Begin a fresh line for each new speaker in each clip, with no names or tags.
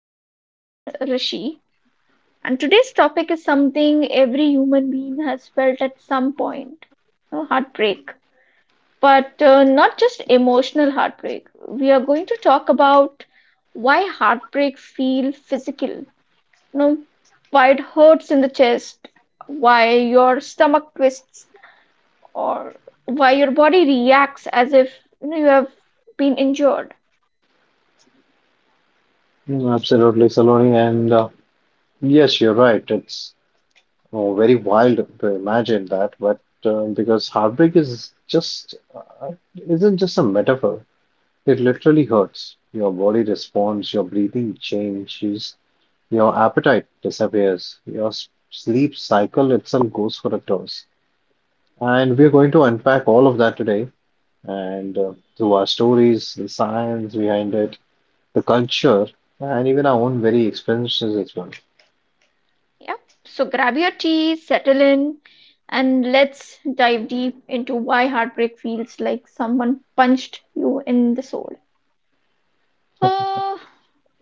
very good friend Rishi. And today's topic is something every human being has felt at some point, you know, heartbreak. But not just emotional heartbreak. We are going to talk about why heartbreak feels physical. You know, why it hurts in the chest, why your stomach twists or why your body reacts as if you know, you have been injured.
Absolutely, Saloni. And yes, you're right. It's very wild to imagine that, but because heartbreak is just isn't just a metaphor. It literally hurts. Your body responds, your breathing changes, your appetite disappears, your sleep cycle itself goes for a toss. And we're going to unpack all of that today, and through our stories, the science behind it, the culture, and even our own very experiences as well.
Yeah. So grab your tea, settle in, and let's dive deep into why heartbreak feels like someone punched you in the soul. Uh,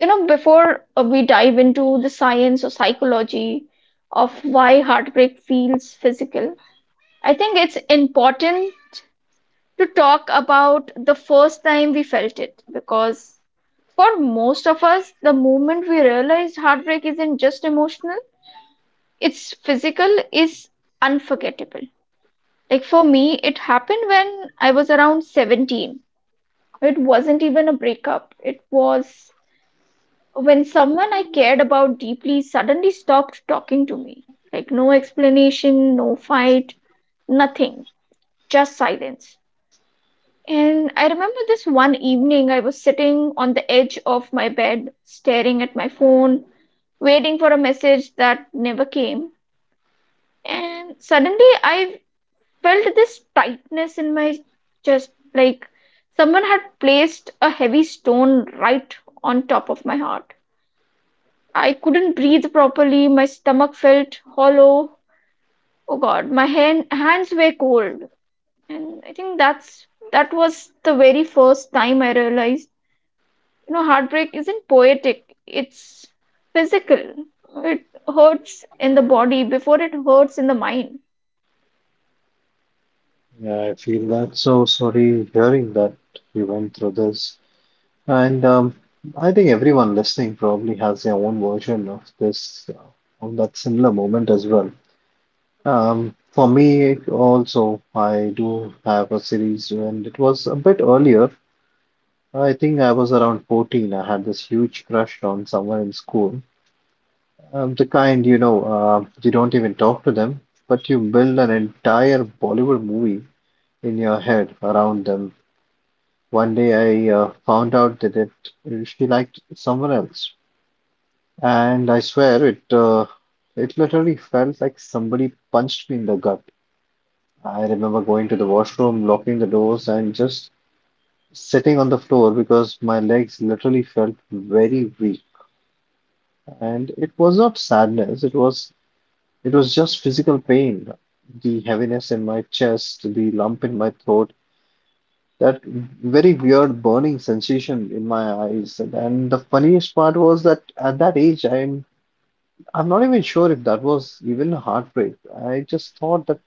before we dive into the science or psychology of why heartbreak feels physical, I think it's important to talk about the first time we felt it because for most of us, the moment we realized heartbreak isn't just emotional, it's physical, is unforgettable. Like for me, it happened when I was around 17. It wasn't even a breakup. It was when someone I cared about deeply suddenly stopped talking to me. Like no explanation, no fight, nothing, just silence. And I remember this one evening, I was sitting on the edge of my bed, staring at my phone waiting for a message that never came. And suddenly I felt this tightness in my chest, like someone had placed a heavy stone right on top of my heart. I couldn't breathe properly, my stomach felt hollow. Oh God, hands were cold. And I think that was the very first time I realized you know heartbreak isn't poetic, it's physical, it hurts in the body before it hurts in the mind.
Yeah, I feel that. So sorry hearing that you went through this. And I think everyone listening probably has their own version of this, of that similar moment as well. For me also, I do have a series, and it was a bit earlier. I think I was around 14. I had this huge crush on someone in school. The kind, you know, you don't even talk to them, but you build an entire Bollywood movie in your head around them. One day I found out that she liked someone else, and I swear it literally felt like somebody punched me in the gut. I remember going to the washroom, locking the doors, and just sitting on the floor because my legs literally felt very weak. And it was not sadness, it was just physical pain. The heaviness in my chest, the lump in my throat, that very weird burning sensation in my eyes. And the funniest part was that at that age, I'm not even sure if that was even a heartbreak. I just thought that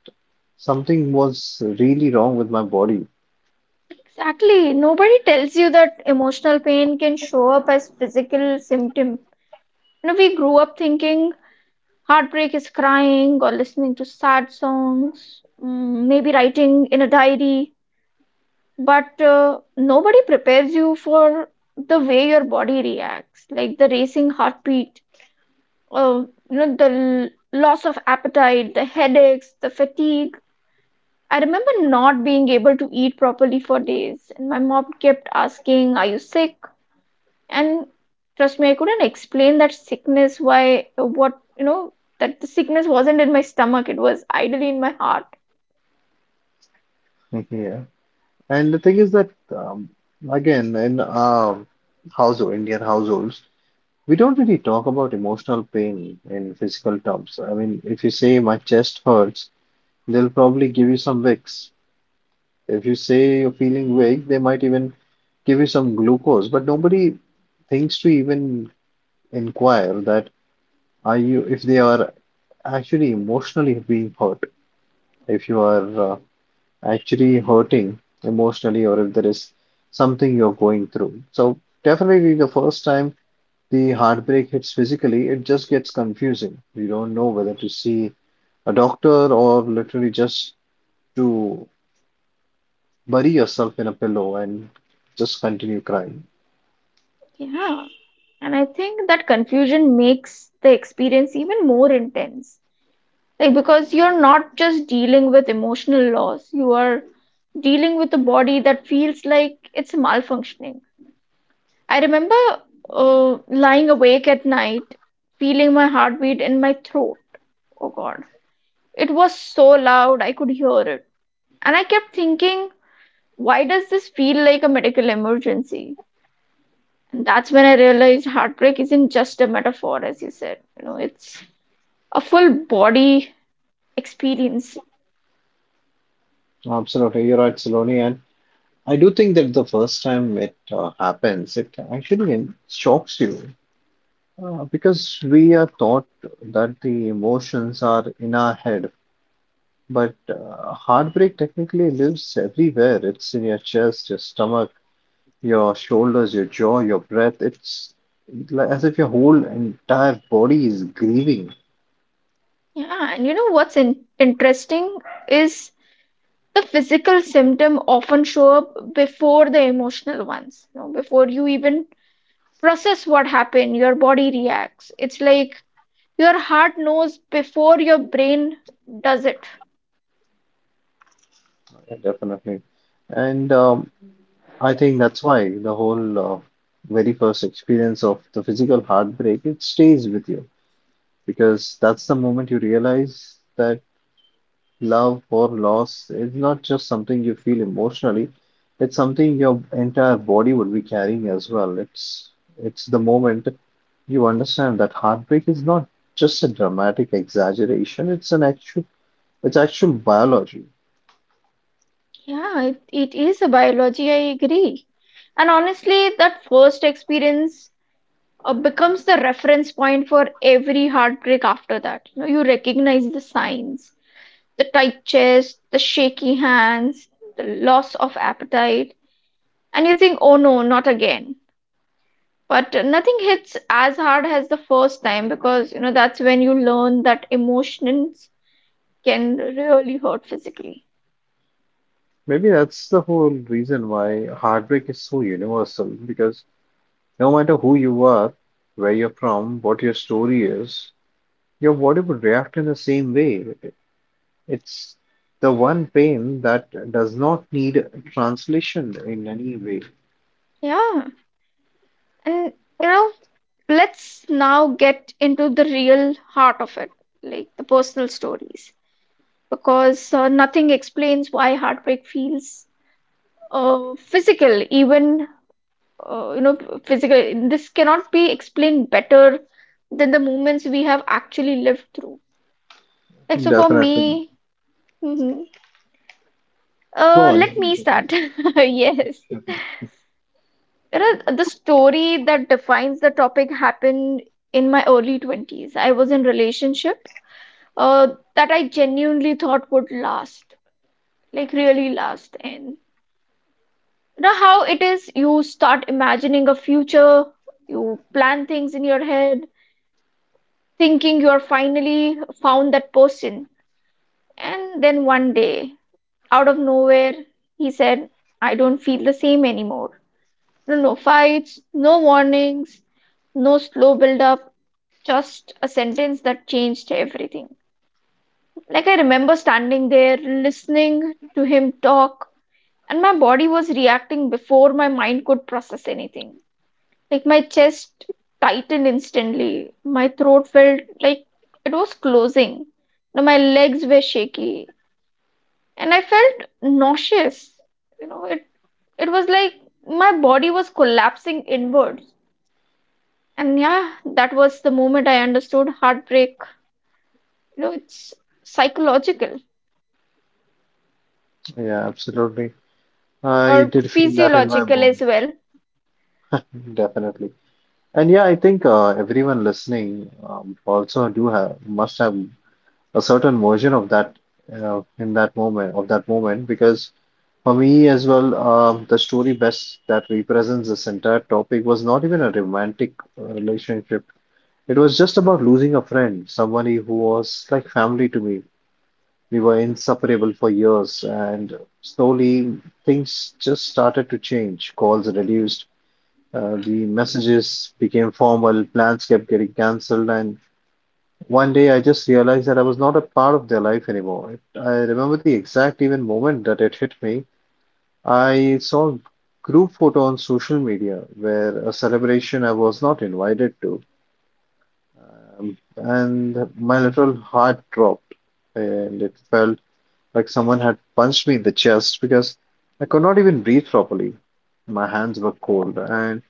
something was really wrong with my body.
Exactly. Nobody tells you that emotional pain can show up as physical symptom. You know, we grew up thinking heartbreak is crying or listening to sad songs, maybe writing in a diary, but nobody prepares you for the way your body reacts, like the racing heartbeat, oh, you know, the loss of appetite, the headaches, the fatigue. I remember not being able to eat properly for days, and my mom kept asking, "Are you sick?" And trust me, I couldn't explain that sickness. Why? What? You know, that the sickness wasn't in my stomach; it was idly in my heart.
Yeah. And the thing is that, again, Indian households, we don't really talk about emotional pain in physical terms. I mean, if you say my chest hurts, they'll probably give you some Vicks. If you say you're feeling weak, they might even give you some glucose, but nobody thinks to even inquire that are you if they are actually emotionally being hurt, if you are actually hurting emotionally, or if there is something you're going through. So definitely, the first time the heartbreak hits physically, it just gets confusing. You don't know whether to see a doctor or literally just to bury yourself in a pillow and just continue crying.
Yeah, and I think that confusion makes the experience even more intense, like because you're not just dealing with emotional loss, you are dealing with a body that feels like it's malfunctioning. I remember uh, lying awake at night feeling my heartbeat in my throat. Oh God, it was so loud I could hear it, and I kept thinking, why does this feel like a medical emergency? And that's when I realized heartbreak isn't just a metaphor, as you said, you know, it's a full body experience.
Absolutely, you're right, Saloni. And I do think that the first time it happens, it actually shocks you because we are taught that the emotions are in our head. But heartbreak technically lives everywhere. It's in your chest, your stomach, your shoulders, your jaw, your breath. It's like as if your whole entire body is grieving.
Yeah, and you know what's interesting is the physical symptom often show up before the emotional ones. You know, before you even process what happened, your body reacts. It's like your heart knows before your brain does it.
Definitely. And I think that's why the whole very first experience of the physical heartbreak it stays with you because that's the moment you realize that love or loss is not just something you feel emotionally, it's something your entire body would be carrying as well. It's the moment you understand that heartbreak is not just a dramatic exaggeration, it's actual biology.
Yeah, it is a biology, I agree. And honestly, that first experience becomes the reference point for every heartbreak after that. You know, you recognize the signs, the tight chest, the shaky hands, the loss of appetite, and you think, oh no, not again. But nothing hits as hard as the first time because you know that's when you learn that emotions can really hurt physically.
Maybe that's the whole reason why heartbreak is so universal because no matter who you are, where you're from, what your story is, your body would react in the same way. It's the one pain that does not need translation in any way.
Yeah, and you know, let's now get into the real heart of it, like the personal stories, because nothing explains why heartbreak feels physical, even you know physical this cannot be explained better than the moments we have actually lived through, like so for
Definitely.
me, mhm.
Go on. one
Let me
hundred percent.
start. Yes, you know, the story that defines the topic happened in my early 20s. I was in relationship uh that I genuinely thought would last, like really last. And you know how it is, you start imagining a future, you plan things in your head, thinking you're finally found that person. And then one day, out of nowhere, he said, I don't feel the same anymore. No, No fights, no warnings, no slow build up, just a sentence that changed everything. Like I remember standing there, listening to him talk, and my body was reacting before my mind could process anything. Like my chest tightened instantly. My throat felt like it was closing. Now my legs were shaky and I felt nauseous. You know, it was like my body was collapsing inwards. And yeah, that was the moment I understood heartbreak. You know, it's psychological
Yeah, absolutely. I
or
did feel that in my
physiological as
bones.
well.
Definitely. And yeah, I think everyone listening also do have must have a certain version of that, in that moment of that moment because for me as well, the story best that represents this entire topic was not even a romantic relationship. It was just about losing a friend, somebody who was like family to me. We were inseparable for years, and slowly things just started to change. Calls reduced, the messages became formal, plans kept getting cancelled, and one day I just realized that I was not a part of their life anymore. I remember the exact even moment that it hit me. I saw group photo on social media where a celebration I was not invited to, and my little heart dropped, and it felt like someone had punched me in the chest because I could not even breathe properly. My hands were cold, and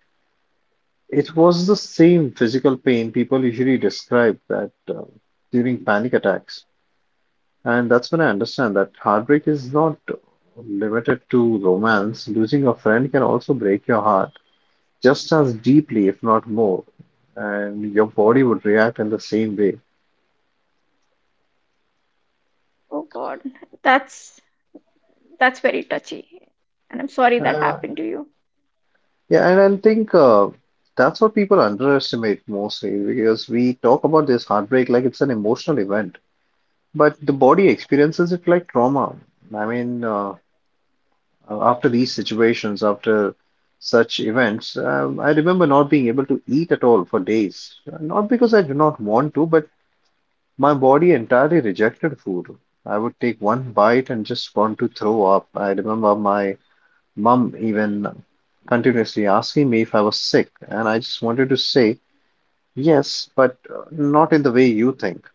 it was the same physical pain people usually describe that during panic attacks. And that's when I understand that heartbreak is not limited to romance. Losing a friend can also break your heart just as deeply, if not more, and your body would react in the same way.
Oh God, that's that's very touchy. And I'm sorry that
Uh,
happened to you.
yeah, and I think that's what people underestimate mostly because we talk about this heartbreak like it's an emotional event, but the body experiences it like trauma. I mean, after these situations, after such events, I remember not being able to eat at all for days. Not because I do not want to, but my body entirely rejected food. I would take one bite and just want to throw up. I remember my mum even continuously asking me if I was sick, and I just wanted to say, yes, but not in the way you think.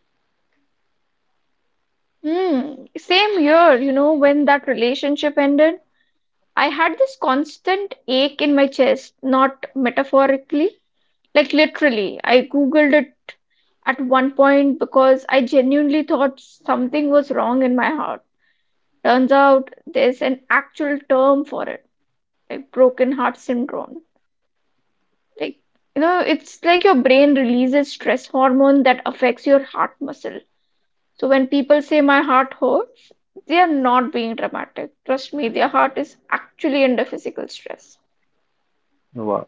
Mm, same year, you know, when that relationship ended, I had this constant ache in my chest, not metaphorically, like literally. I Googled it at one point because I genuinely thought something was wrong in my heart. Turns out there's an actual term for it, like broken heart syndrome. Like, you know, it's like your brain releases stress hormone that affects your heart muscle. So when people say my heart hurts, they are not being dramatic. Trust me, their heart is actually under physical stress.
Wow.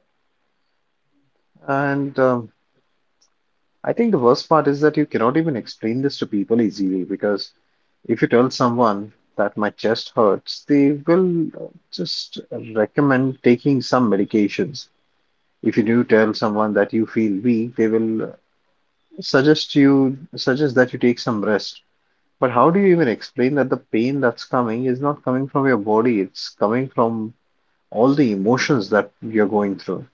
And I think the worst part is that you cannot even explain this to people easily because if you tell someone that my chest hurts, they will just recommend taking some medications. If you do tell someone that you feel weak, they will suggest that you take some rest. But how do you even explain that the pain that's coming is not coming from your body, it's coming from all the emotions that you're going through?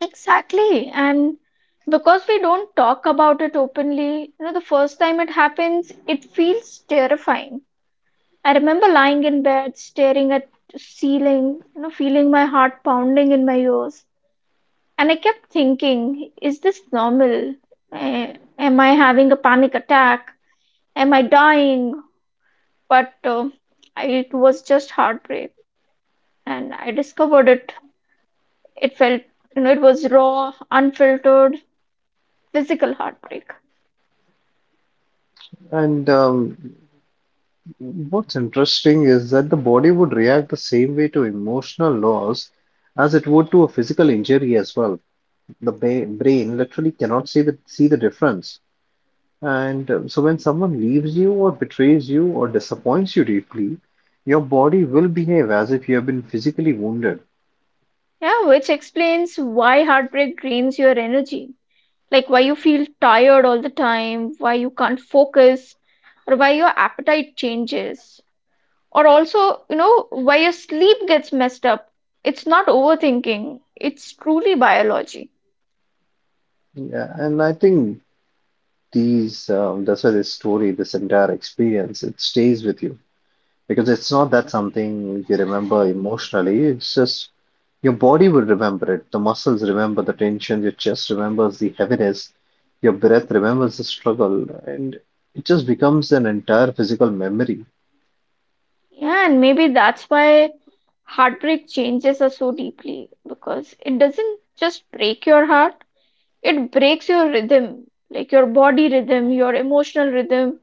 Exactly. And because we don't talk about it openly, you know, the first time it happens, it feels terrifying. I remember lying in bed, staring at the ceiling, you know, feeling my heart pounding in my ears. And I kept thinking, is this normal? Eh, am I having a panic attack? Am I dying? But it was just heartbreak, and I discovered it. It felt, you know, it was raw, unfiltered, physical heartbreak.
And what's interesting is that the body would react the same way to emotional loss as it would to a physical injury as well. The ba brain literally cannot see the difference. And so, when someone leaves you, or betrays you, or disappoints you deeply, your body will behave as if you have been physically wounded.
Yeah, which explains why heartbreak drains your energy, like why you feel tired all the time, why you can't focus, or why your appetite changes, or also you know why your sleep gets messed up. It's not overthinking, it's truly biology.
Yeah, and I think that's why this story, this entire experience, it stays with you because it's not that something you remember emotionally, it's just your body will remember it. The muscles remember the tension, your chest remembers the heaviness, your breath remembers the struggle, and it just becomes an entire physical memory.
Yeah, and maybe that's why heartbreak changes us so deeply because it doesn't just break your heart, it breaks your rhythm, like your body rhythm, your emotional rhythm,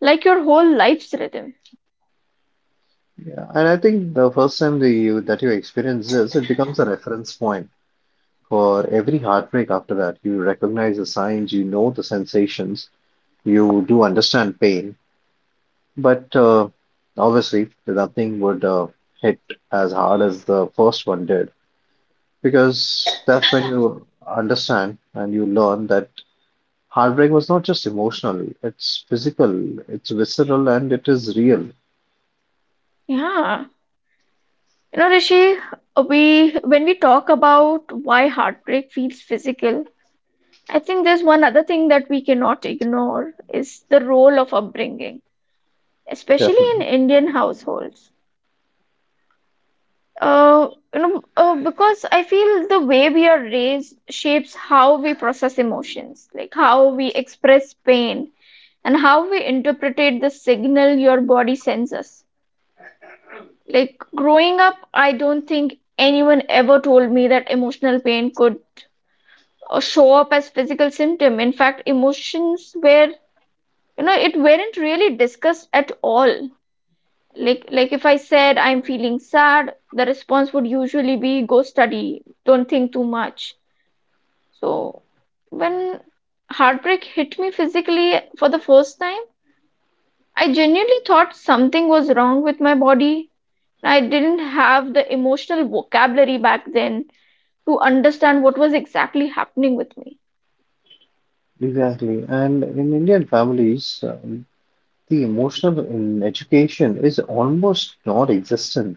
like your whole life's rhythm.
Yeah, and I think the first time that you experience this, it becomes a reference point for every heartbreak after that. You recognize the signs, you know the sensations, you do understand pain, but obviously nothing would hit as hard as the first one did because that's when you understand and you learn that heartbreak was not just emotional, it's physical, it's visceral, and it is real,
Yeah. You know, Rishi, we when we talk about why heartbreak feels physical, I think there's one other thing that we cannot ignore is the role of upbringing, especially in
definitely.
Indian households. Uh, because I feel the way we are raised shapes how we process emotions, like how we express pain and how we interpret the signal your body sends us. Like growing up, I don't think anyone ever told me that emotional pain could show up as physical symptom. In fact, emotions were, you know, it weren't really discussed at all. Like if I said I'm feeling sad, the response would usually be go study, don't think too much. So when heartbreak hit me physically for the first time, I genuinely thought something was wrong with my body. I didn't have the emotional vocabulary back then to understand what was exactly happening with me.
Exactly. And in Indian families, the emotional in education is almost non-existent.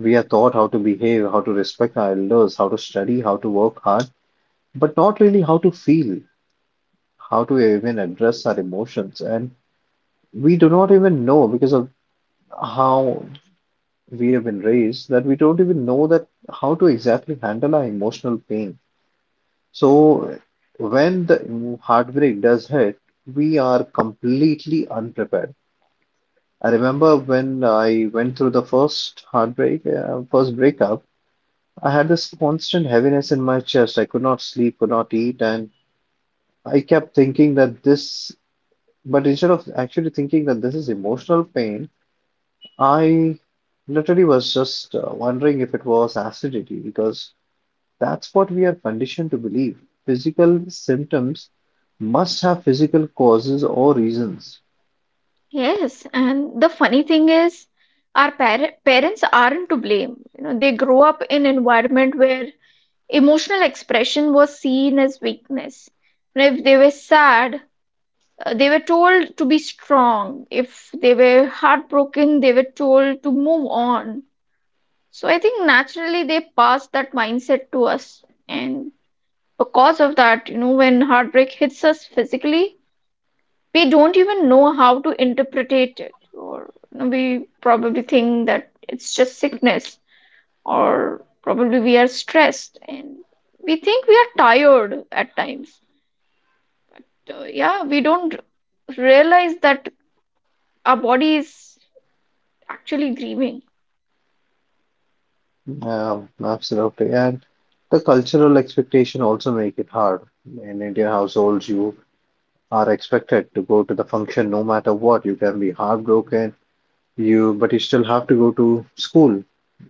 We are taught how to behave, how to respect our elders, how to study, how to work hard, but not really how to feel, how to even address our emotions. And we do not even know because of how we have been raised that we don't even know that how to exactly handle our emotional pain. So when the heartbreak does hit, we are completely unprepared. I remember when I went through the first heartbreak, first breakup, I had this constant heaviness in my chest. I could not sleep, could not eat, and I kept thinking that this, but instead of actually thinking that this is emotional pain, I literally was just wondering if it was acidity, because that's what we are conditioned to believe. Physical symptoms must have physical causes or reasons.
Yes, and the funny thing is, our par parents aren't to blame. You know, they grow up in environment where emotional expression was seen as weakness. And if they were sad, they were told to be strong. If they were heartbroken, they were told to move on. So I think naturally they passed that mindset to us. And because of that, you know, when heartbreak hits us physically, we don't even know how to interpret it. Or you know, we probably think that it's just sickness or probably we are stressed and we think we are tired at times. So, yeah, we don't realize that our body is actually grieving.
Absolutely. And the cultural expectation also make it hard. In Indian households, you are expected to go to the function no matter what. You can be heartbroken, you but you still have to go to school.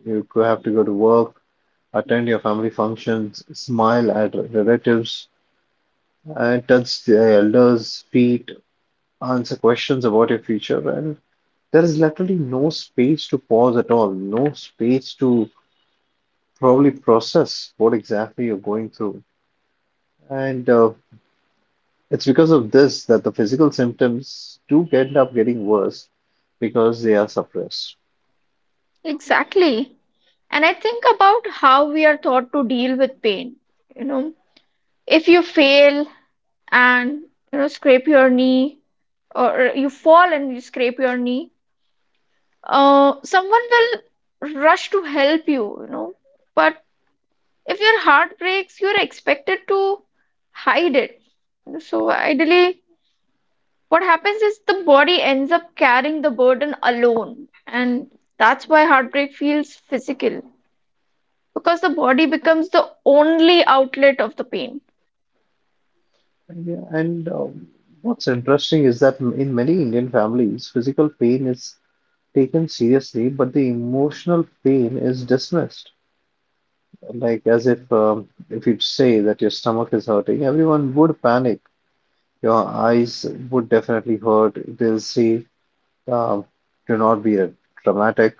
You have to go to work, attend your family functions, smile at relatives, and touch the elders' feet, answer questions about your future. And there is literally no space to pause at all, no space to probably process what exactly you're going through. And it's because of this that the physical symptoms do end up getting worse because they are suppressed.
Exactly. And I think about how we are taught to deal with pain. You know, if you fail and, you know, scrape your knee, or you fall and you scrape your knee, someone will rush to help you, you know. But if your heart breaks you're expected to hide it. So ideally what happens is the body ends up carrying the burden alone, and that's why heartbreak feels physical, because the body becomes the only outlet of the pain.
And, yeah, and what's interesting is that in many Indian families, physical pain is taken seriously, but the emotional pain is dismissed. Like as if you say that your stomach is hurting, everyone would panic. Your eyes would definitely hurt. They'll say, um, "Do not be dramatic."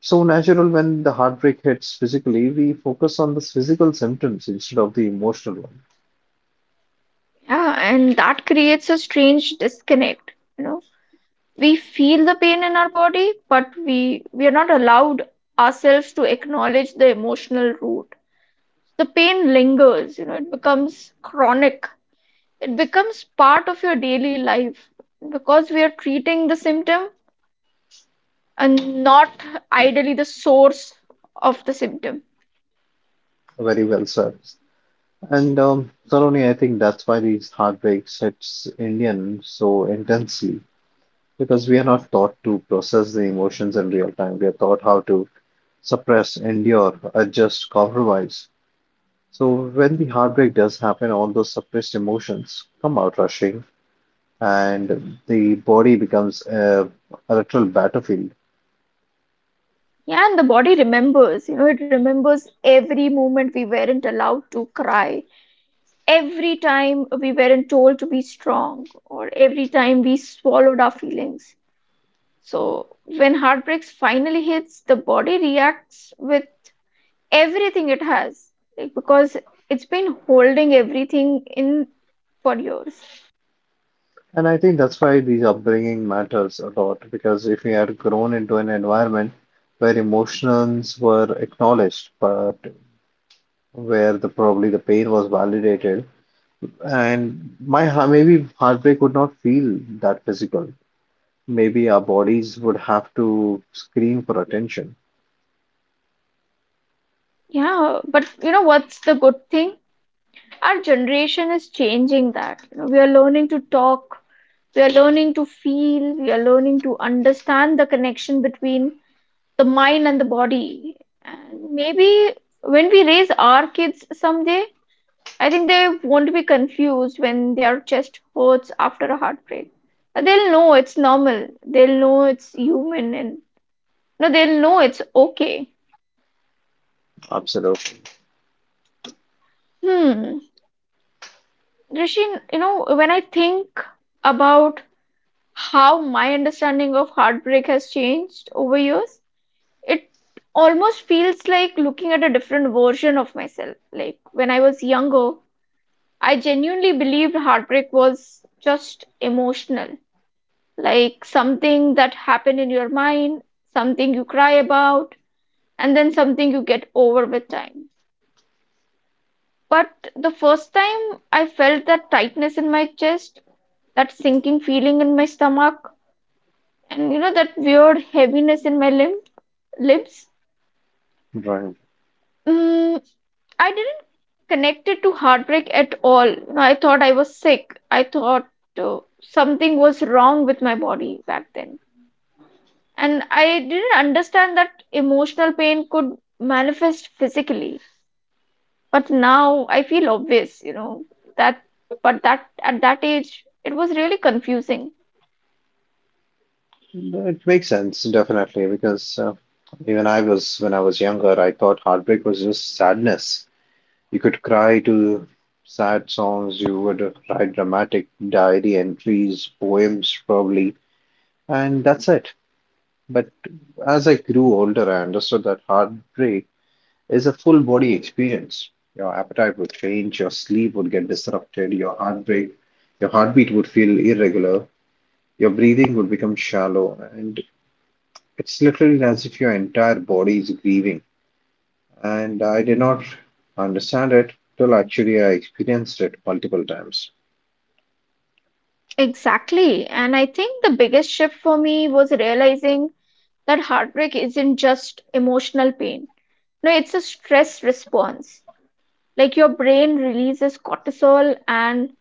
So natural when the heartbreak hits physically, we focus on the physical symptoms instead of the emotional one.
Yeah, and that creates a strange disconnect. You know, we feel the pain in our body but we are not allowed ourselves to acknowledge the emotional root. The pain lingers, you know, it becomes chronic, it becomes part of your daily life because we are treating the symptom and not ideally the source of the symptom.
Very well said. And Saloni, I think that's why these heartbreaks hits Indian so intensely because we are not taught to process the emotions in real time. We are taught how to suppress, endure, adjust, compromise. So when the heartbreak does happen, all those suppressed emotions come out rushing, and the body becomes a literal battlefield.
Yeah, and the body remembers, you know, it remembers every moment we weren't allowed to cry, every time we weren't told to be strong, or every time we swallowed our feelings. So, when heartbreaks finally hits, the body reacts with everything it has, like, because it's been holding everything in for years.
And I think that's why these upbringing matters a lot because if we had grown into an environment where emotions were acknowledged, but where the probably the pain was validated, and maybe heartbreak would not feel that physical. Maybe our bodies would have to scream for attention.
Yeah, but you know what's the good thing? Our generation is changing that. You know, we are learning to talk, we are learning to feel, we are learning to understand the connection between the mind and the body. And maybe when we raise our kids someday, I think they won't be confused when their chest hurts after a heartbreak. They'll know it's normal. They'll know it's human, and no, they'll know it's okay.
Absolutely.
Hmm. Rishin, you know, when I think about how my understanding of heartbreak has changed over years, it almost feels like looking at a different version of myself. Like when I was younger, I genuinely believed heartbreak was just emotional, like something that happened in your mind, something you cry about, and then something you get over with time. But the first time I felt that tightness in my chest, that sinking feeling in my stomach, and you know, that weird heaviness in my limb, lips,
Right.
mm, I didn't connect it to heartbreak at all. You know, I thought I was sick. I thought something was wrong with my body back then. And I didn't understand that emotional pain could manifest physically. But now I feel obvious, you know, that, but that at that age, it was really confusing.
No, it makes sense, definitely, because even I was, when I was younger, I thought heartbreak was just sadness. You could cry to sad songs, you would write dramatic diary entries, poems probably, and that's it. But as I grew older, I understood that heartbreak is a full body experience. Your appetite would change, your sleep would get disrupted, your heartbeat would feel irregular, your breathing would become shallow, and it's literally as if your entire body is grieving. And I did not understand it till actually I experienced it multiple times.
Exactly. And I think the biggest shift for me was realizing that heartbreak isn't just emotional pain. No, it's a stress response. Like your brain releases cortisol, and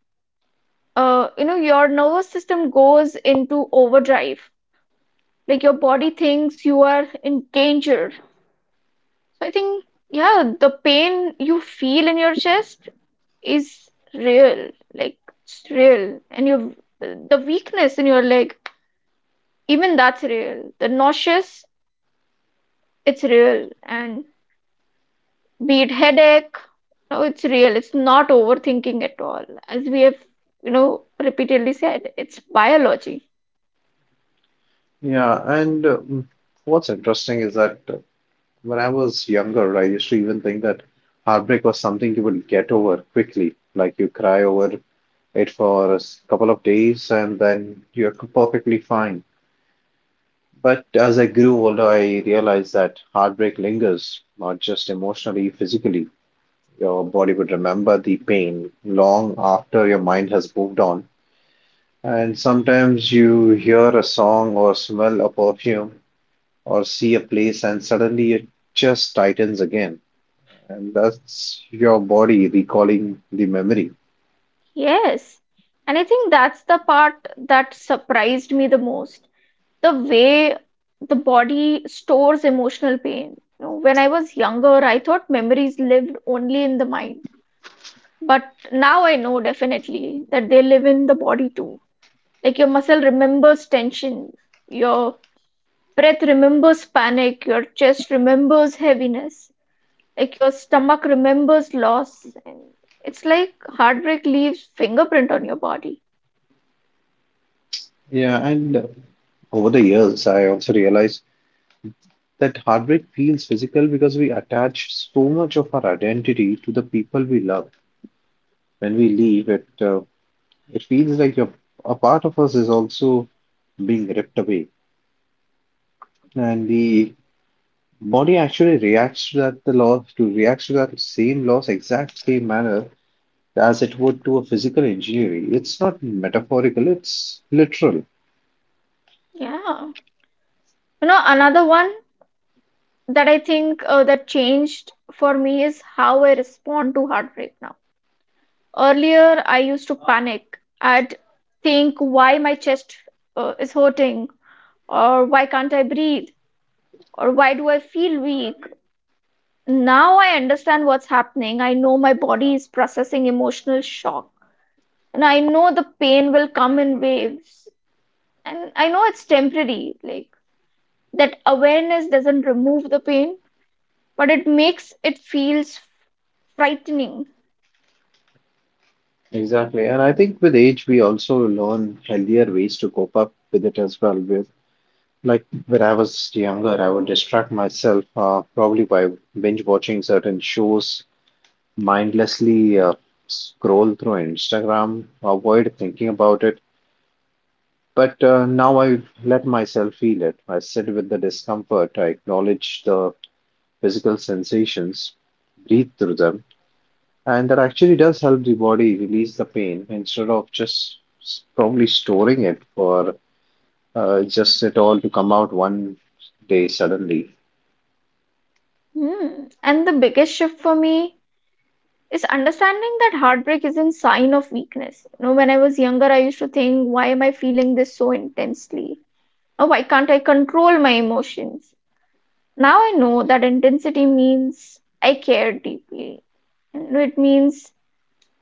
you know, your nervous system goes into overdrive, like your body thinks you are in danger. So I think, yeah, the pain you feel in your chest is real, like it's real, and your the weakness in your leg, even that's real. The nauseous, it's real, and be it headache, no, it's real. It's not overthinking at all, as we have, you know, repeatedly said. It's biology.
Yeah, and what's interesting is that when I was younger, I used to even think that heartbreak was something you would get over quickly. Like you cry over it for couple of days and then you're perfectly fine. But as I grew older, I realized that heartbreak lingers, not just emotionally, physically. Your body would remember the pain long after your mind has moved on. And sometimes you hear a song or smell a perfume or see a place and suddenly it just tightens again. And that's your body recalling the memory.
Yes, and I think that's the part that surprised me the most, the way the body stores emotional pain. You know, when I was younger, I thought memories lived only in the mind. But now I know definitely that they live in the body too. Like your muscle remembers tension, your breath remembers panic, your chest remembers heaviness, like your stomach remembers loss. And it's like heartbreak leaves fingerprint on your body.
Yeah, and over the years, I also realized that heartbreak feels physical because we attach so much of our identity to the people we love. When we leave, it feels like a part of us is also being ripped away, and the body actually reacts to that the loss to reacts to that same loss exact same manner as it would to a physical injury. It's not metaphorical, it's literal.
Yeah. You know, another one that I think that changed for me is how I respond to heartbreak now. Earlier, I used to panic. I'd think, why my chest is hurting, or why can't I breathe, or why do I feel weak. Now I understand what's happening. I know my body is processing emotional shock, and I know the pain will come in waves, and I know it's temporary. Like that awareness doesn't remove the pain, but it makes it feels frightening.
Exactly. And I think with age, we also learn healthier ways to cope up with it as well. With like when I was younger, I would distract myself probably by binge watching certain shows, mindlessly scroll through Instagram, avoid thinking about it. But now I let myself feel it. I sit with the discomfort. I acknowledge the physical sensations, breathe through them. And that actually does help the body release the pain instead of probably storing it for just it all to come out one day suddenly.
Hmm. And the biggest shift for me is understanding that heartbreak isn't sign of weakness. You know, when I was younger, I used to think, why am I feeling this so intensely? Or why can't I control my emotions? Now I know that intensity means I care deeply. And it means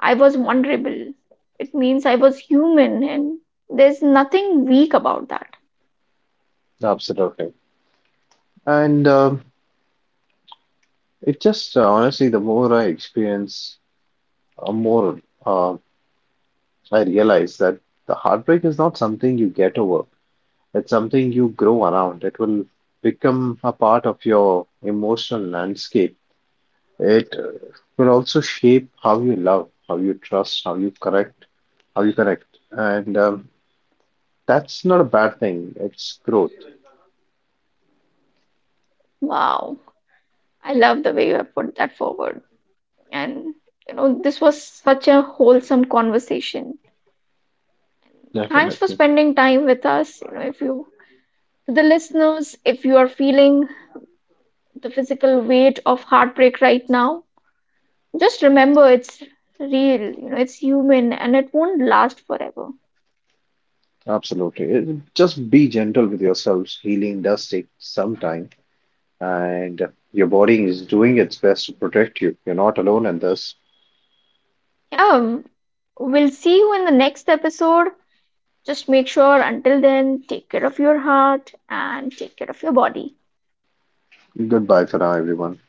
I was vulnerable. It means I was human, and there's nothing weak about that.
Absolutely. And it just honestly, the more I experience, more uh, I realize that the heartbreak is not something you get over. It's something you grow around. It will become a part of your emotional landscape. It will also shape how you love, how you trust, how you correct, how you correct. And that's not a bad thing. It's growth.
Wow. I love the way you have put that forward. And you know, this was such a wholesome conversation. Thanks for
Definitely.
spending time with us. You know, if you to the listeners, if you are feeling the physical weight of heartbreak right now, just remember it's real, you know, it's human and it won't last forever.
Absolutely. It- Just be gentle with yourselves. Healing does take some time, and your body is doing its best to protect you. You're not alone in this.
Yeah, we'll see you in the next episode. Just make sure until then, take care of your heart and take care of your body.
Goodbye for now, everyone.